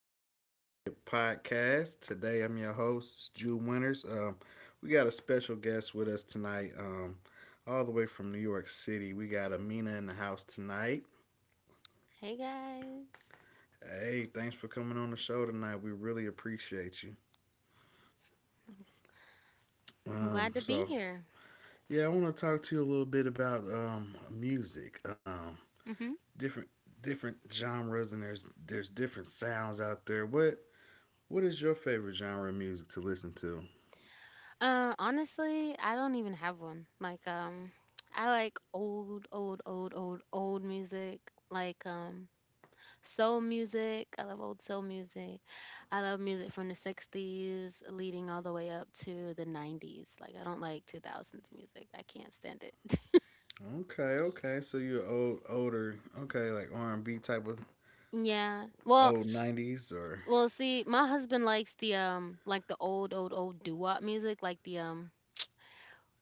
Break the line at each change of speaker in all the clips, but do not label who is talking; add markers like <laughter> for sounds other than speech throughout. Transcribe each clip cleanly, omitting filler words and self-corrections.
back to a Right Hip Podcast. Today, I'm your host, Jew Winters. We got a special guest with us tonight, all the way from New York City. We got Amina in the house tonight.
Hey guys,
Hey, thanks for coming on the show tonight. We really appreciate you.
I'm
Um,
glad to be
so,
here.
yeah, I want to talk to you a little bit about music,
Hmm.
different different genres, and there's different sounds out there. What is your favorite genre of music to listen to?
Honestly, I don't even have one. Like, I like old, old, old, old, old music. Like, soul music. I love old soul music. I love music from the '60s, leading all the way up to the '90s. Like, I don't like 2000s music. I can't stand it. <laughs>
Okay, okay. So you're old, older. Okay, like R and B type of
Yeah. Well,
old '90s, or
well, see, my husband likes the like the old old old doo-wop music, like the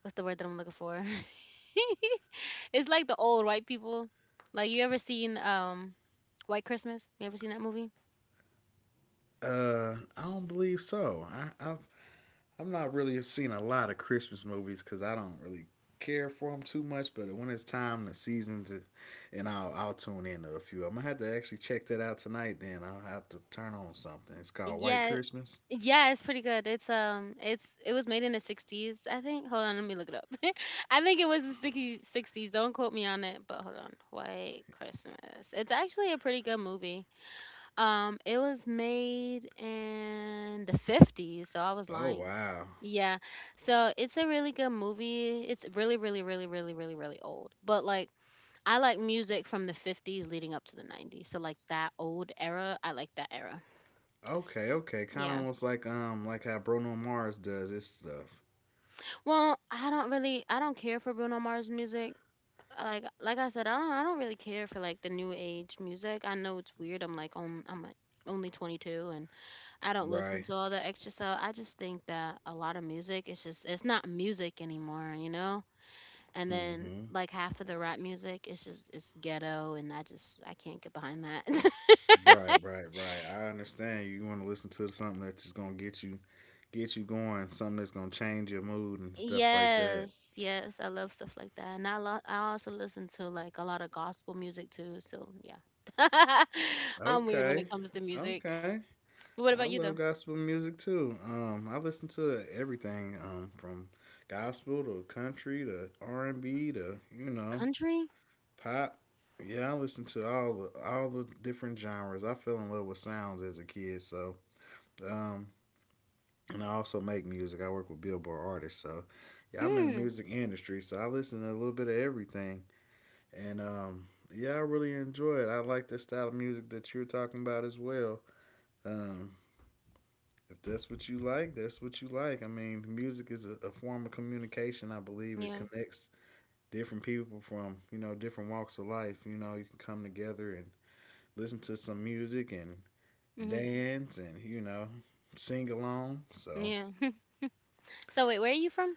what's the word that I'm looking for? <laughs> It's like the old white people. Like you ever seen White Christmas? You ever seen that movie?
I don't believe so. I I'm not really seen a lot of Christmas movies because I don't really care for them too much. But when it's time, the seasons, and I'll tune in to a few. I'm gonna have to actually check that out tonight. Then I'll have to turn on something. It's called White
Yeah.
Christmas.
Yeah, it's pretty good. It was made in the 60s, I think. Hold on, let me look it up. <laughs> I think it was the 60s, 60s. Don't quote me on it, but hold on. White Christmas. It's actually a pretty good movie. It was made in the 50s, so I was
Oh
lying.
wow.
Yeah. So it's a really good movie. It's really, really, really, really, really, really old. But like I like music from the 50s leading up to the 90s. So like that old era, I like that era.
Okay, okay. Kind of
Yeah.
almost like how Bruno Mars does his stuff,
Well, I don't care for Bruno Mars music. Like I said, I don't really care for like the new age music. I know it's weird. I'm like only 22. I don't listen
right?
to all the extra stuff. I just think that a lot of music its just it's not music anymore, you know? And then
Hmm.
like half of the rap music its just it's ghetto and I can't get behind that.
Right, right, right. I understand you want to listen to something that's just gonna get you going, something that's gonna change your mood
<laughs>
and stuff like that.
Yes, yes, I love stuff like that. And I also listen to like a lot of gospel music too, so yeah. <laughs> I'm weird when
Okay,
it comes to music.
okay. I
What about you
love
though?
gospel music too. I listen to everything. From gospel to country to R and B to
Country?
pop. Yeah, I listen to all the different genres. I fell in love with sounds as a kid, so um, and I also make music. I work with Billboard artists, so yeah, I'm in the
Hmm.
music industry, so I listen to a little bit of everything, and yeah, I really enjoy it. I like the style of music that you're talking about as well. Um, if that's what you like, that's what you like. I mean, music is a form of communication. I believe it
Yeah.
connects different people from different walks of life. You know, you can come together and listen to some music and
Mhm.
dance and sing along. So
Yeah. <laughs> So wait, where are you from?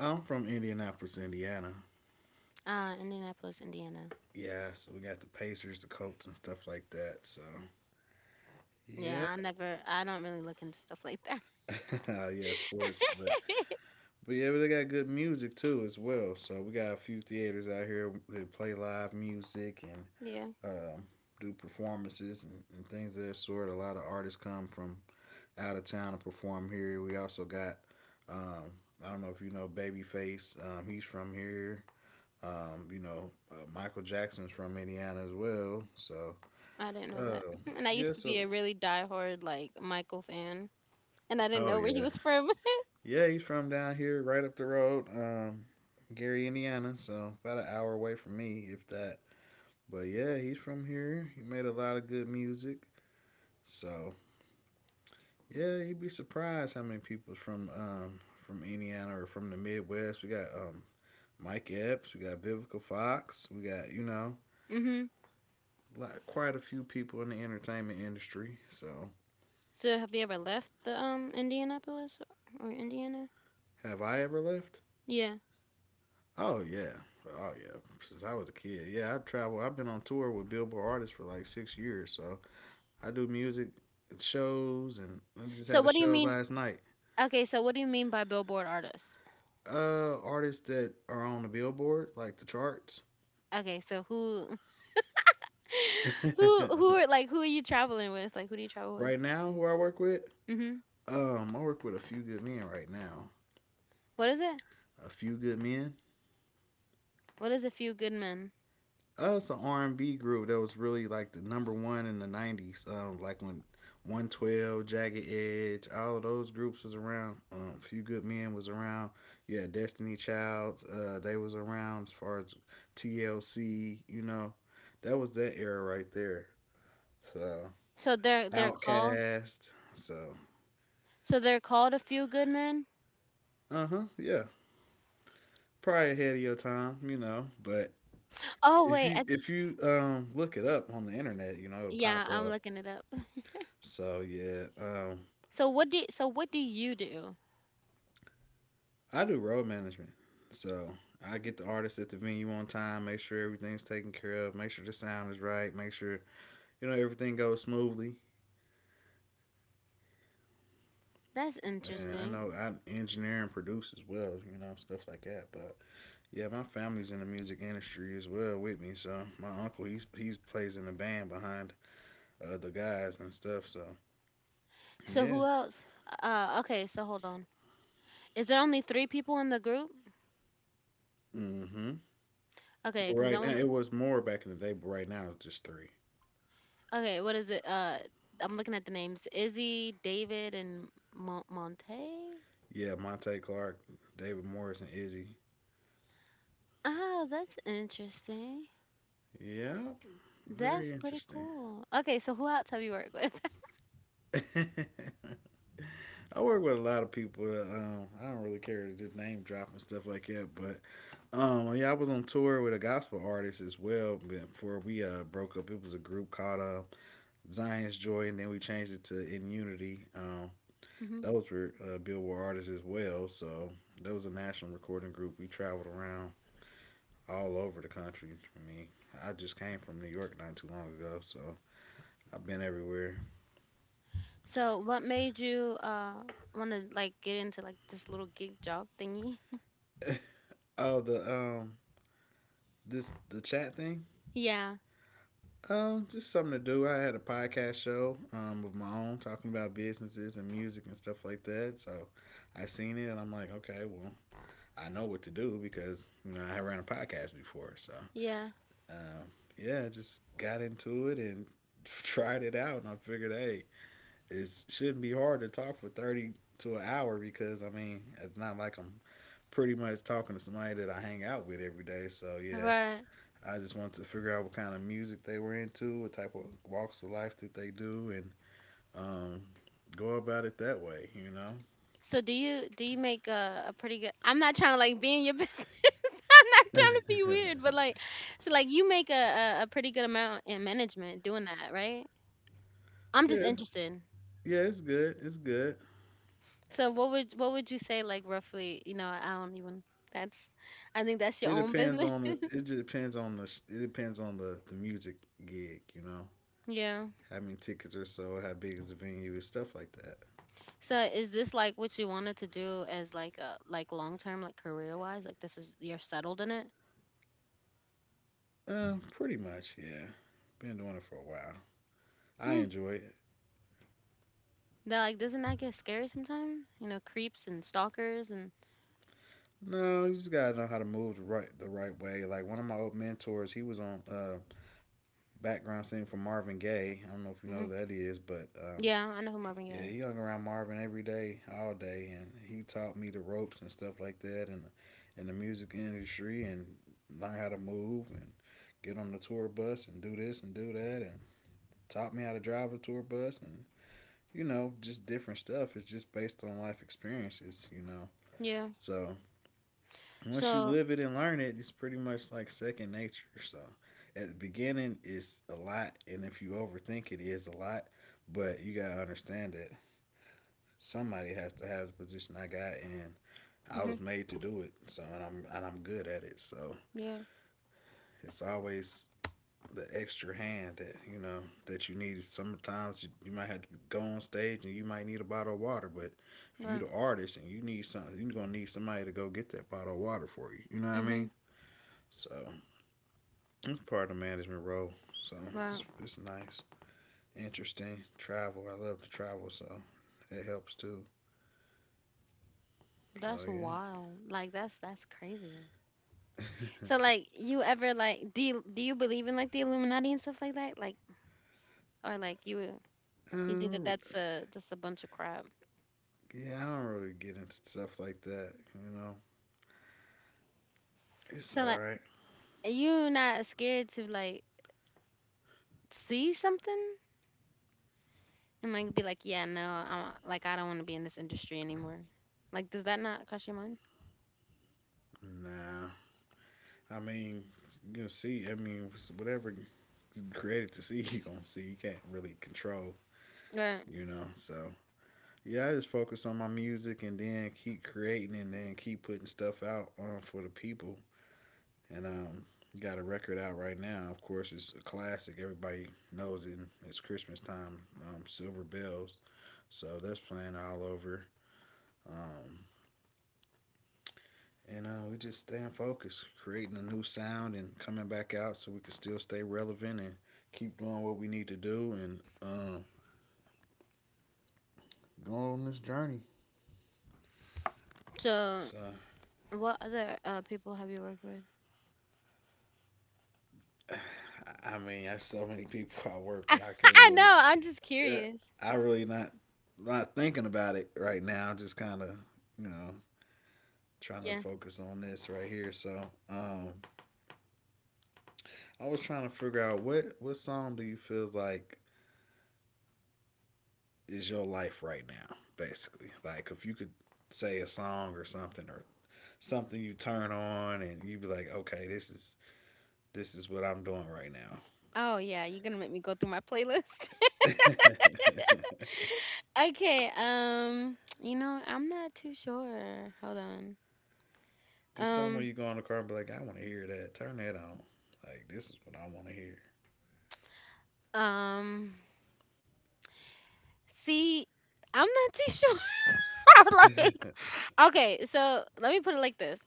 I'm from Indianapolis, Indiana.
Indianapolis, Indiana.
Yeah, so we got the Pacers, the Colts, and stuff like that. So
Yeah,
yeah.
I don't really look into stuff like that.
<laughs> Yeah, sports,
<laughs>
but yeah, but they got good music too as well. So we got a few theaters out here that play live music and
Yeah,
um, do performances and things of that sort. A lot of artists come from out of town to perform here. We also got um, I don't know if you know Babyface. He's from here. Michael Jackson's from Indiana as well. So
I didn't know that.
uh,
<laughs> And I
yeah,
used to be
so
a really diehard, like, Michael fan, and I didn't
oh
know where he
yeah,
was from. <laughs>
yeah, he's from down here, right up the road, Gary, Indiana. So about an hour away from me, if that. But yeah, he's from here. He made a lot of good music. So yeah, you'd be surprised how many people from Indiana or from the Midwest. We got Mike Epps, we got Vivica Fox, we got
Hmm.
quite a few people in the entertainment industry. So
So have you ever left the, Indianapolis or Indiana?
have I ever left?
Yeah.
Oh yeah, oh yeah. Since I was a kid, yeah, I travel. I've been on tour with Billboard artists for like 6 years, so I do music shows, and I just
So
had a
what do you
show
mean?
last night.
Okay, so what do you mean by Billboard artists?
Artists that are on the Billboard, like the charts.
Okay, so who, <laughs> who,
<laughs>
who are, like, who are you traveling with? Like, who do you travel with?
Right now, who
Mhm.
I work with a few good men right now.
What is it?
A few good men.
What is a few good men?
It's an R and B group that was really like the number one in the '90s. Like when 112, Jagged Edge, all of those groups was around. Few Good Men was around. You had Destiny Child. They was around as far as TLC. You know, that was that era right there. So
So
Outcast. So
they're called a few good men?
uh huh, yeah, probably ahead of your time. You know, but
Oh
if
wait,
you if you look it up on the internet, it'll
yeah,
pop
I'm
up.
looking it up. <laughs>
So yeah,
So what do you do?
I do road management. So I get the artists at the venue on time, make sure everything's taken care of, make sure the sound is right, make sure, you know, everything goes smoothly.
That's
And I
interesting.
know I engineer and produce as well, you know, stuff like that. But yeah, my family's in the music industry as well with me. So my uncle, he plays in the band behind the guys and stuff. So
So
yeah.
who else? Okay, so hold on. Is there only three people in the group?
Hmm. But
Okay, because
right
I
now
want.
it was more back in the day, but right now it's just three.
Okay, what is it? I'm looking at the names: Izzy, David, and Monte.
Yeah, Monte Clark, David Morris, and Izzy.
Oh, that's interesting.
Yeah, very
That's pretty
interesting.
cool. Okay, so who else have you worked with?
<laughs> I work with a lot of people. I don't really care to just name drop and stuff like that. But yeah, I was on tour with a gospel artist as well. Before we broke up, it was a group called Zion's Joy, and then we changed it to In Unity.
<laughs> Hmm.
Those were Billboard artists as well. So that was a national recording group. We traveled around all over the country. I mean, I just came from New York not too long ago, so I've been everywhere.
So what made you want to like get into like this little gig job thingy?
<laughs> Oh, the this the chat thing.
Yeah,
Just something to do. I had a podcast show of my own talking about businesses and music and stuff like that. So I seen it and I'm like, okay, well, I know what to do because I ran a podcast before. So
yeah.
um, yeah, just got into it and <laughs> tried it out, and I figured, hey, it shouldn't be hard to talk for 30 to an hour because I mean it's not like I'm pretty much talking to somebody that I hang out with every day. So yeah,
Right.
I just wanted to figure out what kind of music they were into, what type of walks of life that they do, and um, go about it that way. You know.
So do you make a pretty good I'm not trying to like be in your <laughs> business. I'm not trying to be weird, but like so like you make a pretty good amount in management doing that, right? I'm just
Yeah,
interested.
yeah, it's good. It's good.
So what would you say like roughly, I don't even that's I think that's your
It
own
depends
business.
on the.
<laughs>
It just depends on the. It depends on the music gig. You know,
Yeah.
how many tickets or so, how big is the venue, and stuff like that.
So is this like what you wanted to do as like a like long term like career wise? Like this is you're settled in it?
Pretty much. Yeah, been doing it for a while. I
Hmm.
enjoy it.
That like doesn't that get scary sometimes? You know, creeps and stalkers and
No, you just gotta know how to move the right way. Like one of my old mentors, he was on background singer for Marvin Gaye. I don't know if you know who that is, but
yeah, I know who Marvin
yeah,
Gaye is.
he hung around Marvin every day, all day, and he taught me the ropes and stuff like that, and in the music industry, and learn how to move and get on the tour bus and do this and do that, and taught me how to drive the tour bus, and you know, just different stuff. It's just based on life experiences, you know.
Yeah.
So once you
So,
live it and learn it, it's pretty much like second nature. So at the beginning, it's a lot, and if you overthink it, it is a lot. But you gotta understand that somebody has to have the position I got, and I
hmm,
was made to do it. So and I'm good at it. So
yeah,
it's always the extra hand that that you need. Sometimes you might have to go on stage and you might need a bottle of water, but if you
right.
the artist and you need something, you're gonna need somebody to go get that bottle of water for you. You know what I
Hmm,
mean? So it's part of the management role, so
right.
it's nice, interesting. Travel, I love to travel, so it helps too. So
That's
yeah,
wild. Like that's crazy. So like you ever like do you believe in like the Illuminati and stuff like that? Like or like you
uh,
you think that that's a just a bunch of crap.
yeah, I don't really get into stuff like that. You know, it's
So
all
like
right.
are you not scared to like see something and like be like, yeah, no, I don't want to be in this industry anymore. Like does that not cross your mind?
Nah, I mean, you're gonna see. I mean, whatever is created to see, <laughs> you gonna see. You can't really control.
Right.
You know, so yeah, I just focus on my music and then keep creating and then keep putting stuff out for the people and got a record out right now. Of course, it's a classic. Everybody knows it. It's Christmas time. Silver Bells. So that's playing all over. Um, and We just staying focused, creating a new sound and coming back out so we can still stay relevant and keep doing what we need to do and go on this journey.
So
So,
what other people have you worked with?
I mean, I so many people I
<laughs>
work with.
I know, I'm just
Uh,
curious.
I really not thinking about it right now. Just kind of, you know, trying to
Yeah.
focus on this right here. So um, I was trying to figure out what song do you feel like is your life right now, basically. Like if you could say a song or something you turn on and you be like, okay, this is what I'm doing right now.
Oh, yeah, you're gonna make me go through my playlist.
<laughs>
<laughs> Okay, I'm not too sure. Hold on.
Just somewhere
Um,
you go in the car and be like, I want to hear that. Turn that on. Like this is what I want to hear.
um, see, I'm not too sure. <laughs>
<laughs>
Okay, so let me put it like this.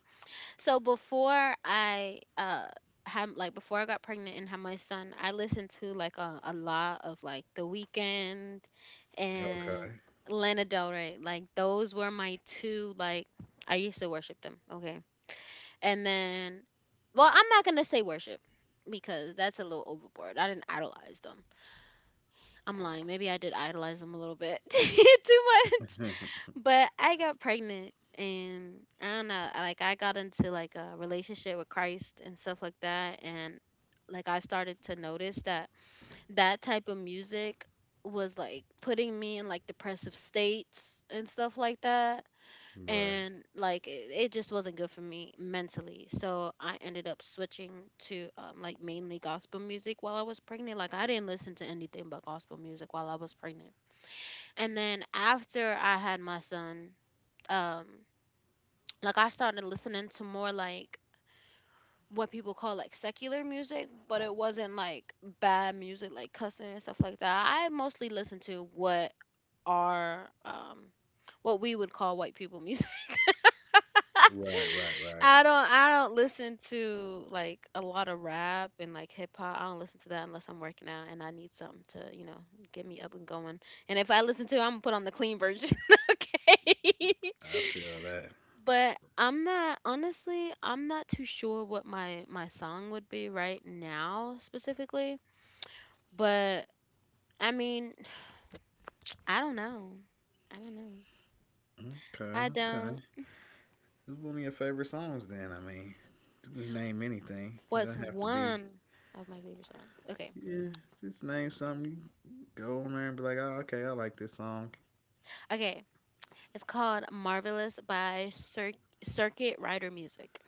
So before I got pregnant and had my son, I listened to like a lot of like The Weeknd and
okay.
Lana Del Rey. Like those were my two like I used to worship them. Okay. And then well, I'm not gonna say worship because that's a little overboard. I didn't idolize them. I'm lying. Maybe I did idolize them a little bit <laughs> too much.
<laughs>
But I got pregnant and I don't know, like I got into like a relationship with Christ and stuff like that and like I started to notice that that type of music was like putting me in like depressive states and stuff like that
right.
and like it just wasn't good for me mentally so I ended up switching to like mainly gospel music while I was pregnant like I didn't listen to anything but gospel music while I was pregnant and then after I had my son, um like I started listening to more like what people call like secular music, but it wasn't like bad music like cussing and stuff like that. I mostly listened to are um what we would call white people music. <laughs>
Right.
I don't listen to like a lot of rap and like hip hop. I don't listen to that unless I'm working out and I need something to, get me up and going. And if I listen to it, I'm gonna put on the clean version. <laughs> Okay.
I feel that.
But I'm not honestly, I'm not too sure what my song would be right now specifically, but I mean, <sighs> I don't know. I don't know.
Okay.
I don't
Okay. It's one of your favorite songs, then. I mean, just name anything. It
what's
doesn't have to be.
one of my favorite songs. Okay.
Yeah, just name something. You go on there and be like, oh, okay, I like this song.
Okay. It's called Marvelous by Circuit Rider Music.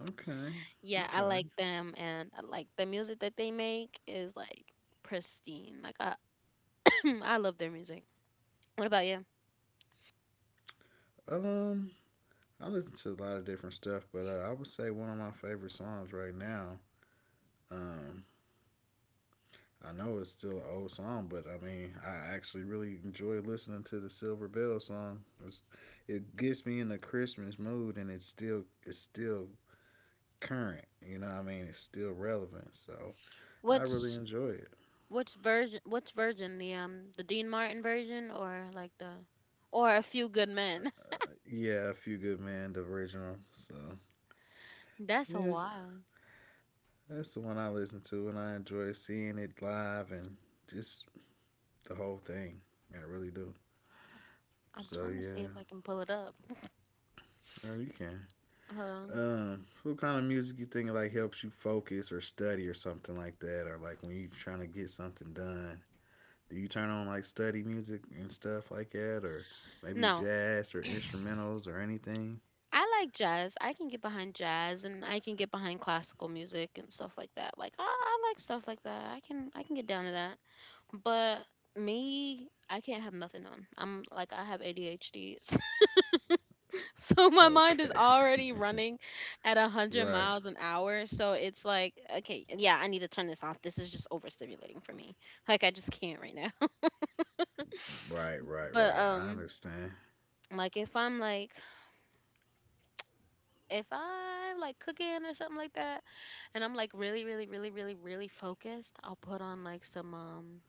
Okay,
Yeah, I
okay.
like them, and I like the music that they make is like pristine. Like I <coughs> <clears throat> I love their music. What about you?
Um, I listen to a lot of different stuff, but I would say one of my favorite songs right now. Um, I know it's still an old song, but I mean, I actually really enjoy listening to the Silver Bell song. It gets me in the Christmas mood, and it's still current. You know what I mean? It's still relevant. So I
What
really enjoy it.
What's version? The Dean Martin version, or A Few Good Men?
Yeah, A Few Good Men, the original. So
<laughs> That's a
yeah,
while.
that's the one I listen to, and I enjoy seeing it live and just the whole thing. I really do.
I'm
So
trying to see if
yeah,
I can pull it up.
oh, you can.
Hold on.
What kind of music you think like helps you focus or study or something like that, or like when you're trying to get something done? Do you turn on like study music and stuff like that, or maybe
No,
jazz or instrumentals or anything? <laughs>
I like jazz. I can get behind jazz, and I can get behind classical music and stuff like that. Like I like stuff like that. I can get down to that. But me, I can't have nothing on. I'm like I have ADHD. <laughs> So my mind is
Okay.
already running at 100
Right.
miles an hour. So it's like, okay, yeah, I need to turn this off. This is just overstimulating for me. Like I just can't right now. <laughs>
Right, right,
But
right. I understand.
like if I'm like cooking or something like that and I'm like really really really really really focused, I'll put on like some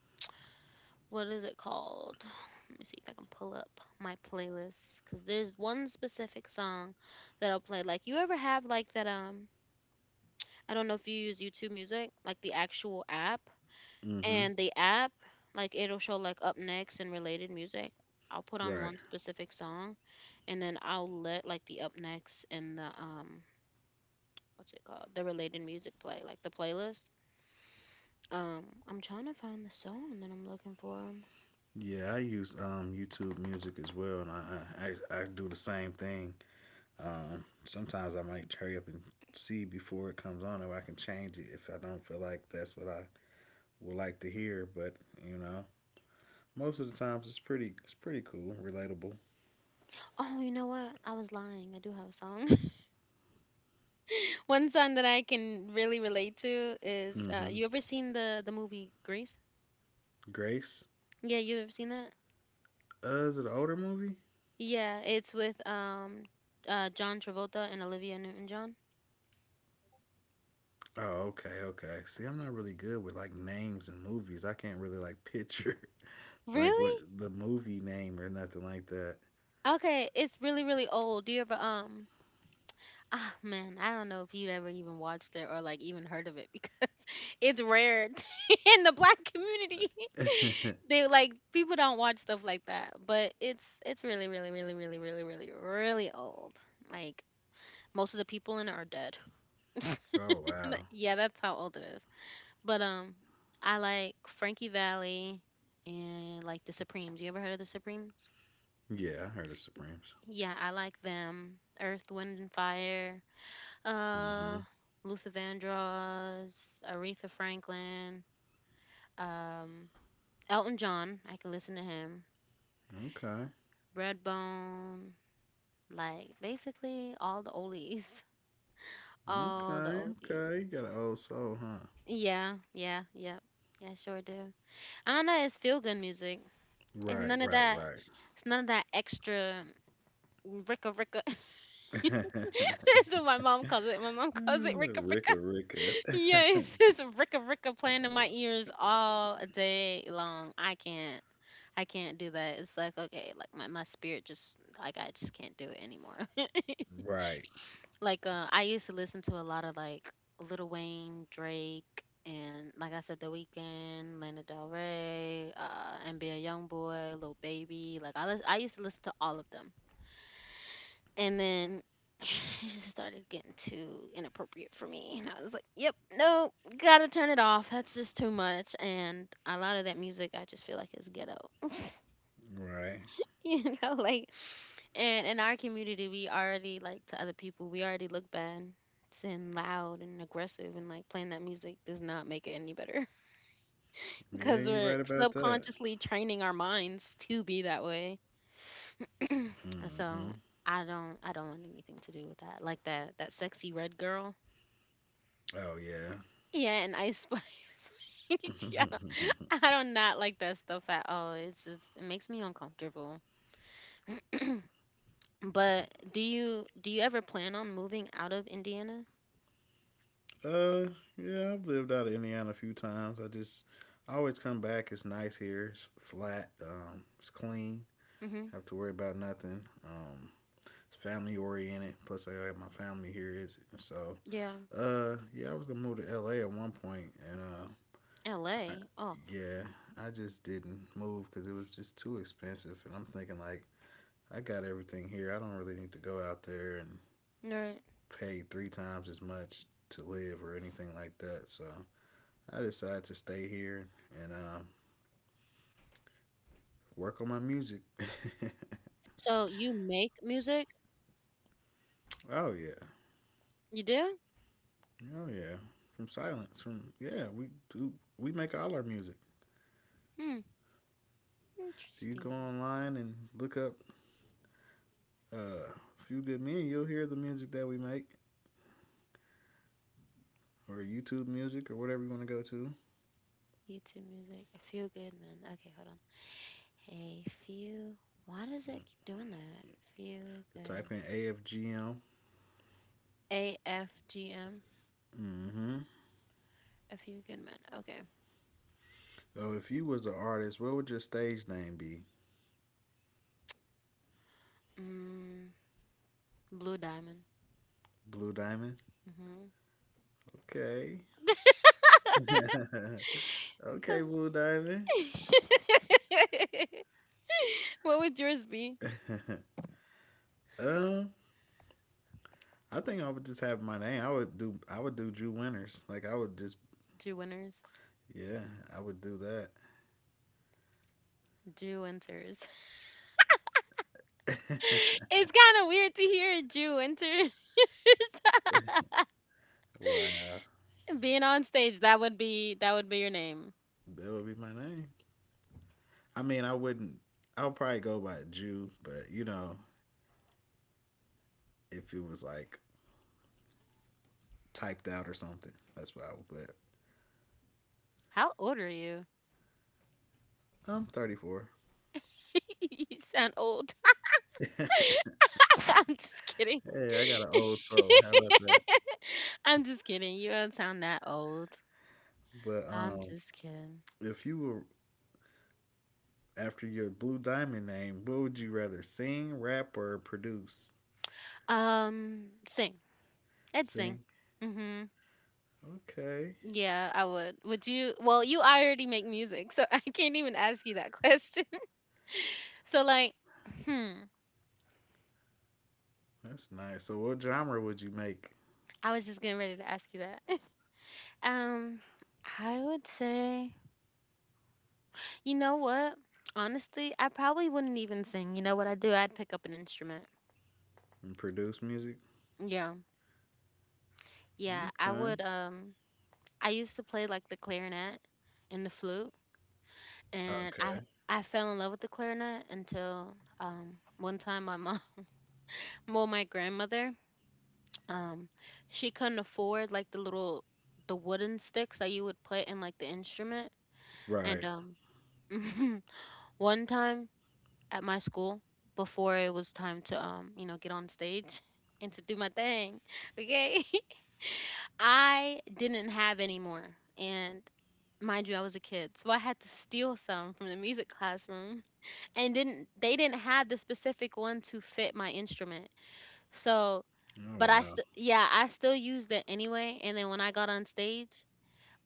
what is it called? <sighs> Let me see if I can pull up my playlist cuz there's one specific song that I'll play. Like you ever have like that I don't know if you use YouTube Music, like the actual app.
Mm-hmm.
And the app, like it'll show like up next and related music. I'll put on
Right.
one specific song and then I'll let like the up next and the what's it called? The related music play, like the playlist. I'm trying to find the song that I'm looking for.
Yeah, I use YouTube music as well, and I do the same thing. Sometimes I might hurry up and see before it comes on, or I can change it if I don't feel like that's what I would like to hear. But you know, most of the times it's pretty cool, relatable.
Oh, you know what? I was lying. I do have a song. <laughs> One song that I can really relate to is
Mm-hmm.
you ever seen the movie Grease?
Grace.
Yeah, you ever seen that?
Is it an older movie?
Yeah, it's with John Travolta and Olivia Newton-John.
Oh, okay, okay. See, I'm not really good with like names and movies. I can't really like <laughs> picture like
Really?
what the movie name or nothing like that.
Okay, it's really really old. Do you ever ah man, I don't know if you'd ever even watched it or like even heard of it because <laughs> it's rare <laughs> in the black community. <laughs>
<laughs>
They like people don't watch stuff like that, but it's really really really really really really really old. Like most of the people in it are dead. <laughs>
oh wow,
Yeah, that's how old it But I like Frankie Valley and like the Supremes. You ever heard of the Supremes?
yeah, I heard of Supremes.
Yeah, I like them. Earth, Wind, and Fire.
Hmm
Uh, Luther Vandross, Aretha Franklin, um, Elton John. I can listen to him.
Okay,
Redbone, like basically all the oldies, <laughs> all the
okay,
oldies.
okay. You got an old soul, huh?
Yeah, yeah, yep, yeah, sure do. I don't know. It's feel good music. It's
Right,
none of
right,
that.
right.
It's none of that extra. Ricka Ricka. <laughs>
<laughs>
That's what my mom calls it. My mom <laughs> calls it
Ah,
Ricka Ricka.
Ricka, Ricka.
<laughs> Yeah, it's
<laughs>
just Ricka Ricka playing in my ears all day long. I can't. I can't do that. It's like okay, like my spirit just like I just can't do it anymore. <laughs>
right,
Like I used to listen to a lot of like Lil Wayne, Drake, and like I said, The Weeknd, Lana Del Rey, NBA YoungBoy, Lil Baby. Like I used to listen to all of them. And then <laughs> <sighs> it just started getting too inappropriate for me. And I was like, yep, no, gotta turn it off. That's just too much. And a lot of that music, I just feel like it's ghetto. <laughs>
right.
you know, like, and in our community, we already, like, to other people, we already look bad and loud and aggressive. And, like, playing that music does not make it any better <laughs>
Yeah,
because
you
we're
right about that.
subconsciously training our minds to be that way. Uh,
Hmm
So. I don't want anything to do with that. Like that sexy red girl.
Oh
Yeah, and ice spice.
yeah.
<laughs> Yeah,
<laughs>
I do not like that stuff at all. It's just, it makes me uncomfortable. But do you ever plan on moving out of Indiana?
Uh, yeah, I've lived out of Indiana a few times. I just I always come back. It's nice here. It's flat. It's clean.
Mm-hmm.
Have to worry about nothing. It's family oriented. Plus, I got my family here. Is so.
Yeah,
Yeah, I was gonna move to LA at one point, and I
L.A. Oh,
yeah, I just didn't move because it was just too expensive, and I'm thinking like I got everything here. I don't really need to go out there and
nerd.
pay three times as much to live or anything like that. So I decided to stay here and work on my music. <laughs>
So you make music?
oh yeah,
You do?
oh yeah. From silence, from yeah, we do. We make all our music.
Hmm.
If you go
Interesting.
online and look up uh, "Few Good Men," you'll hear the music that we make, or YouTube music, or whatever you want to go to.
YouTube music. I feel good, man. Okay, hold on. Hey, feel. Why does it keep
Mm-hmm.
doing that? Feel
Type
good.
in AFGM.
AFGM.
Mm-hmm.
A few good men. Okay.
So if you was an artist, what would your stage name be?
Mm. Blue diamond.
Blue Diamond.
Mm-hmm.
Okay. <laughs> okay,
<laughs> Go.
Blue Diamond.
<laughs> What would yours be?
<laughs> um. I think I would just have my name. I would do Drew Winters. Like I would just.
Jew winners.
Yeah, I would do
Jew winters. <laughs>
that. <laughs>
It's kind of weird to hear Jew Winters <laughs>
Wow.
being on stage. That would be your name.
That would be my name. I mean, I wouldn't. I would probably go by Jew, but you know, if it was like typed out or something, that's what I would put.
How old are you?
I'm 34.
<laughs> You sound old.
<laughs> hey,
<laughs> I'm just kidding.
I got an old soul.
<laughs>
How about that?
I'm just kidding. You don't sound that old.
But
I'm just kidding.
if you were after your Blue Diamond name, what would you rather sing, rap, or produce?
Sing. I'd sing.
Sing.
Mhm.
Okay.
Yeah, I would. Would you? Well, you already make music, so <laughs> I can't even ask you that question. <laughs> So hmm,
That's nice. So, what genre would you make
I was just getting ready to ask you that. <laughs> Um, I would say, you know what? Honestly, I probably wouldn't even sing. You know what I do? I'd pick up an instrument.
and produce music?
Yeah. Yeah, I
Okay.
would um I used to play like the clarinet and the flute and I
Okay.
I fell in love with the clarinet until one time my mom, <laughs> well my grandmother, Um, she couldn't afford like the little the wooden sticks that you would put in like the instrument. And
Right.
<laughs> one time at my school, before it was time to, you know, get on stage <laughs> and to do my thing, <laughs> okay, <laughs> I didn't have any more, and mind you, I was a kid, so I had to steal some from the music classroom, and didn't they didn't have the specific one to fit my instrument, so.
Oh
But I
wow.
still, yeah, I still used it anyway. And then when I got on stage,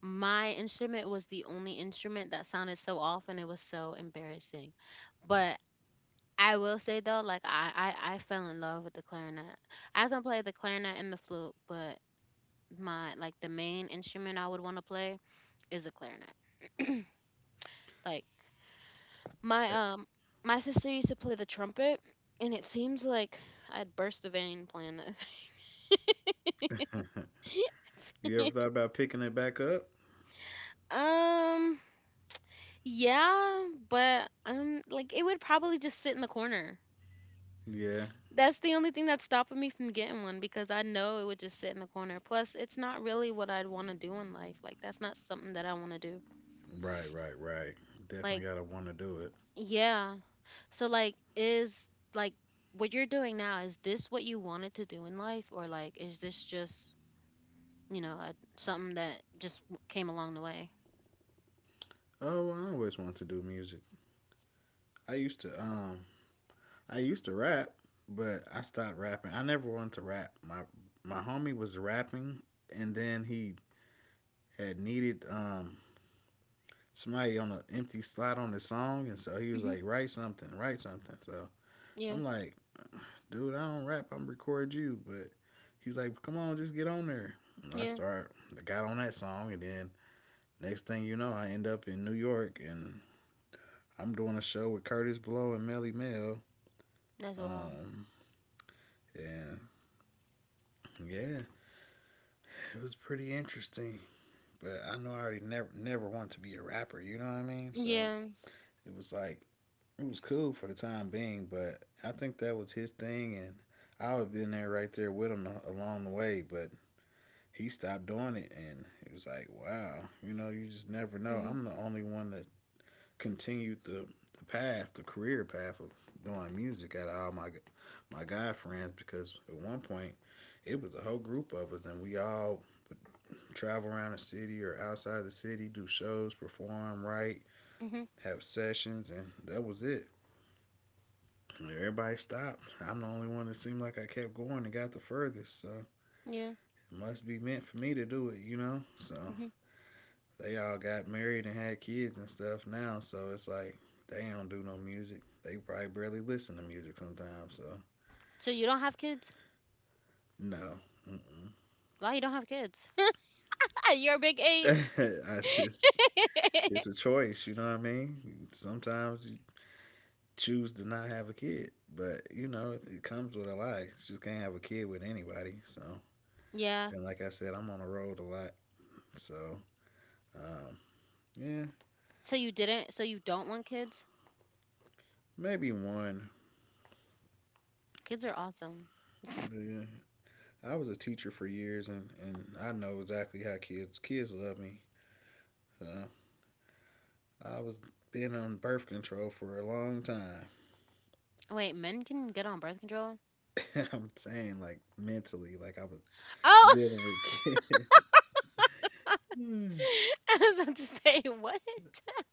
my instrument was the only instrument that sounded so off, and it was so embarrassing. But I will say though, I fell in love with the clarinet. I can play the clarinet and the flute, but my like the main instrument I would want to play is a clarinet. Like my my sister used to play the trumpet, and it seems like I'd burst a vein playing
<laughs> you ever
that.
thought about picking it back up?
<laughs> um, yeah, but I'm like it would probably just sit in the corner.
Yeah.
That's the only thing that's stopping me from getting one because I know it would just sit in the corner. Plus, it's not really what I'd want to do in life. Like that's not something that I want to do.
Right. Right. Definitely
Like,
gotta want to do it.
yeah. So like, what you're doing now, is this what you wanted to do in life, or like is this just, you know, a, something that just w- came along the way?
Oh, well, I always wanted to do music. I used to um, I used to rap, but I stopped rapping. I never wanted to rap. My homie was rapping, and then he had needed somebody on an empty slot on the song, and so he was
Mhm.
like, write something, write something. So
Yeah.
I'm like, dude, I don't rap. I'm record you. But he's like, come on, just get on there. And I
Yeah.
start, I got on that song, and then next thing you know, I end up in New York, and I'm doing a show with Curtis Blow and Melly Mel.
That's wild.
Um, and Yeah, it was pretty interesting. But I know I already never wanted to be a rapper. You know what I mean? So
Yeah.
it was like it was cool for the time being. But I think that was his thing, and I would have been there right there with him along the way. But he stopped doing it and it was like wow, you know, you just never know.
Mhm.
I'm the only one that continued the path, the career path of doing music out of all my guy friends, because at one point it was a whole group of us and we all would travel around the city or outside the city, do shows, perform, write,
Mhm.
have sessions, and that was it. Everybody stopped. I'm the only one that seemed like I kept going and got the furthest, so it
Yeah.
must be meant for me to do it, you know. So
Mhm.
they all got married and had kids and stuff now, so it's like they don't do no music. They probably barely listen to music sometimes. So
So you don't have kids?
no, Mm-mm.
Why you don't have kids. <laughs> At your big
<laughs>
age.
I just it's a
<laughs>
choice. You know what I mean? Sometimes you choose to not have a kid, but you know it comes with a lot. You just can't have a kid with anybody. So
Yeah.
and like I said, I'm on the road a lot. So um, yeah,
So you didn't. So you don't want kids.
maybe one.
Kids are awesome.
Yeah. I was a teacher for years, and I know exactly how kids love me. Uh, I was Been on birth control for a long time.
Oh, wait, men can get on birth control.
<laughs> I'm saying like mentally, like I was
Oh,
dealing with kids. <laughs> no,
<laughs> I was about to say what?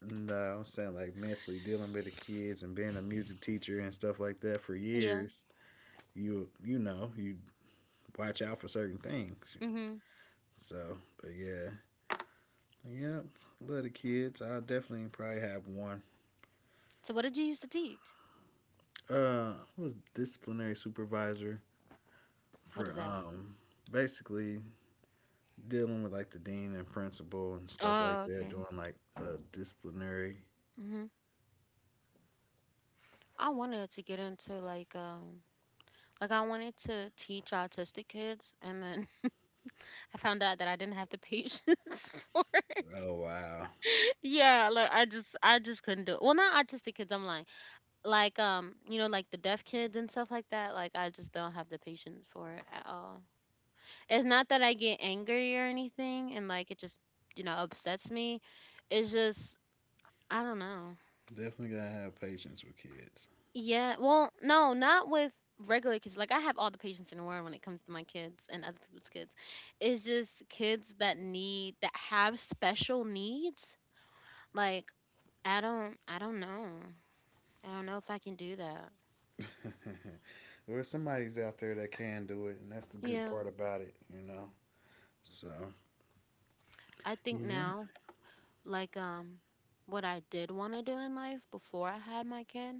I'm saying like mentally dealing with the kids and being a music teacher and stuff like that for
Yeah.
years. You know you watch out for certain things.
Mhm.
So, but yeah, yep, love the kids. I definitely probably have one.
So what did you used to teach?
I was disciplinary supervisor
What
for
is that?
basically dealing with like the dean and principal and stuff like
Oh,
that,
okay.
doing like disciplinary.
Mhm. I wanted to get into like I wanted to teach autistic kids and then <laughs> I found out that I didn't have the patience <laughs> for it.
Oh wow,
Yeah, like I just couldn't do it. Well, not autistic kids, I'm lying. Like you know, like the deaf kids and stuff like that. Like I just don't have the patience for it at all. It's not that I get angry or anything and like it just, you know, upsets me. It's just I don't know.
definitely gotta have patience with kids.
Yeah, well, no, not with regular kids. Like I have all the patience in the world when it comes to my kids and other people's kids. It's just kids that need that have special needs. Like I don't know. I don't know if I can do that.
<laughs> or somebody's out there that can do it, and that's the good
Yeah.
part about it, you know. So
I think
yeah.
now, like what I did want to do in life before I had my kid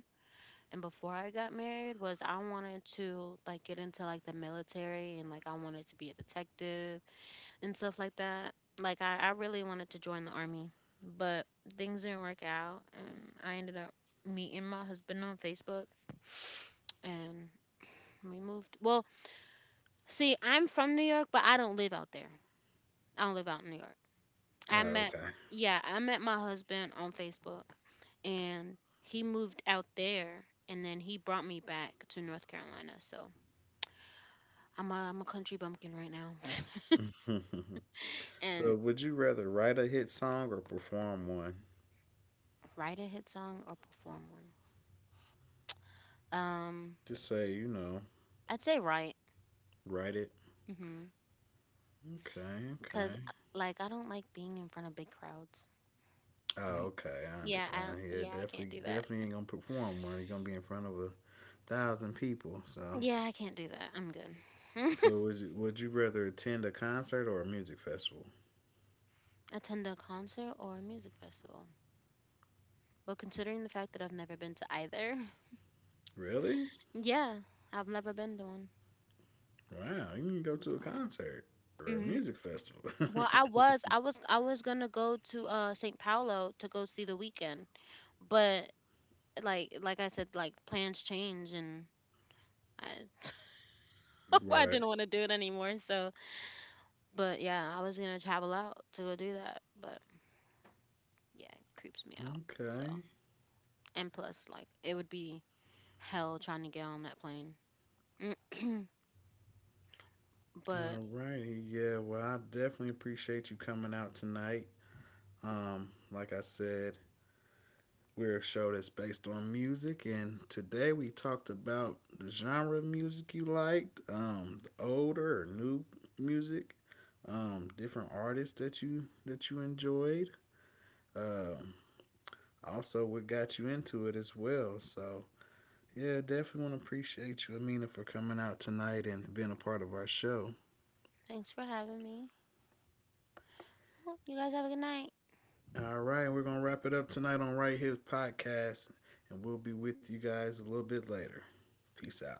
and before I got married was I wanted to like get into like the military and like I wanted to be a detective and stuff like that. Like I really wanted to join the army, but things didn't work out and I ended up meeting my husband on Facebook and we moved. Well, see, I'm from New York, but I don't live out there. I don't live out in New York. I
Oh
met,
okay.
yeah, I met my husband on Facebook and he moved out there and then he brought me back to North Carolina. So I'm a country bumpkin right now.
<laughs>
<laughs> And
so would you rather write a hit song or perform one?
write a hit song or perform one. Um,
Just say you know,
I'd say write.
write it.
Hmm.
Okay,
Cause
okay.
like I don't like being in front of big crowds. <laughs>
Oh, okay. I understand. Yeah,
Yeah, I can't
definitely,
do that.
definitely ain't gonna perform one. You're gonna be in front of 1,000 people. So
Yeah, I can't do that. I'm good.
Would you rather attend a concert or a music festival?
<laughs> Attend a concert or a music festival. Well, considering the fact that I've never been to either,
Really?
yeah, I've never been to one.
Wow, you can go to a concert or a
Hmm.
music festival.
Well, I was gonna go to St. Paulo to go see the weekend, but like I said, like plans change and I,
<laughs>
<laughs> I
right.
didn't want to do it anymore. So, but yeah, I was gonna travel out to go do that, but yeah, it creeps me out. So,
Okay.
and plus, like, it would be hell trying to get on that plane. <clears throat> But
All righty. Yeah, well, I definitely appreciate you coming out tonight. Like I said, we're a show that's based on music, and today we talked about the genre of music you liked, the older or new music, different artists that you enjoyed. Um, Also what got you into it as well. So yeah, definitely want to appreciate you, Amina, for coming out tonight and being a part of our show.
thanks for having me. You guys have a good night.
All right, we're gonna wrap it up tonight on Right Here Podcast, and we'll be with you guys a little bit later. Peace out.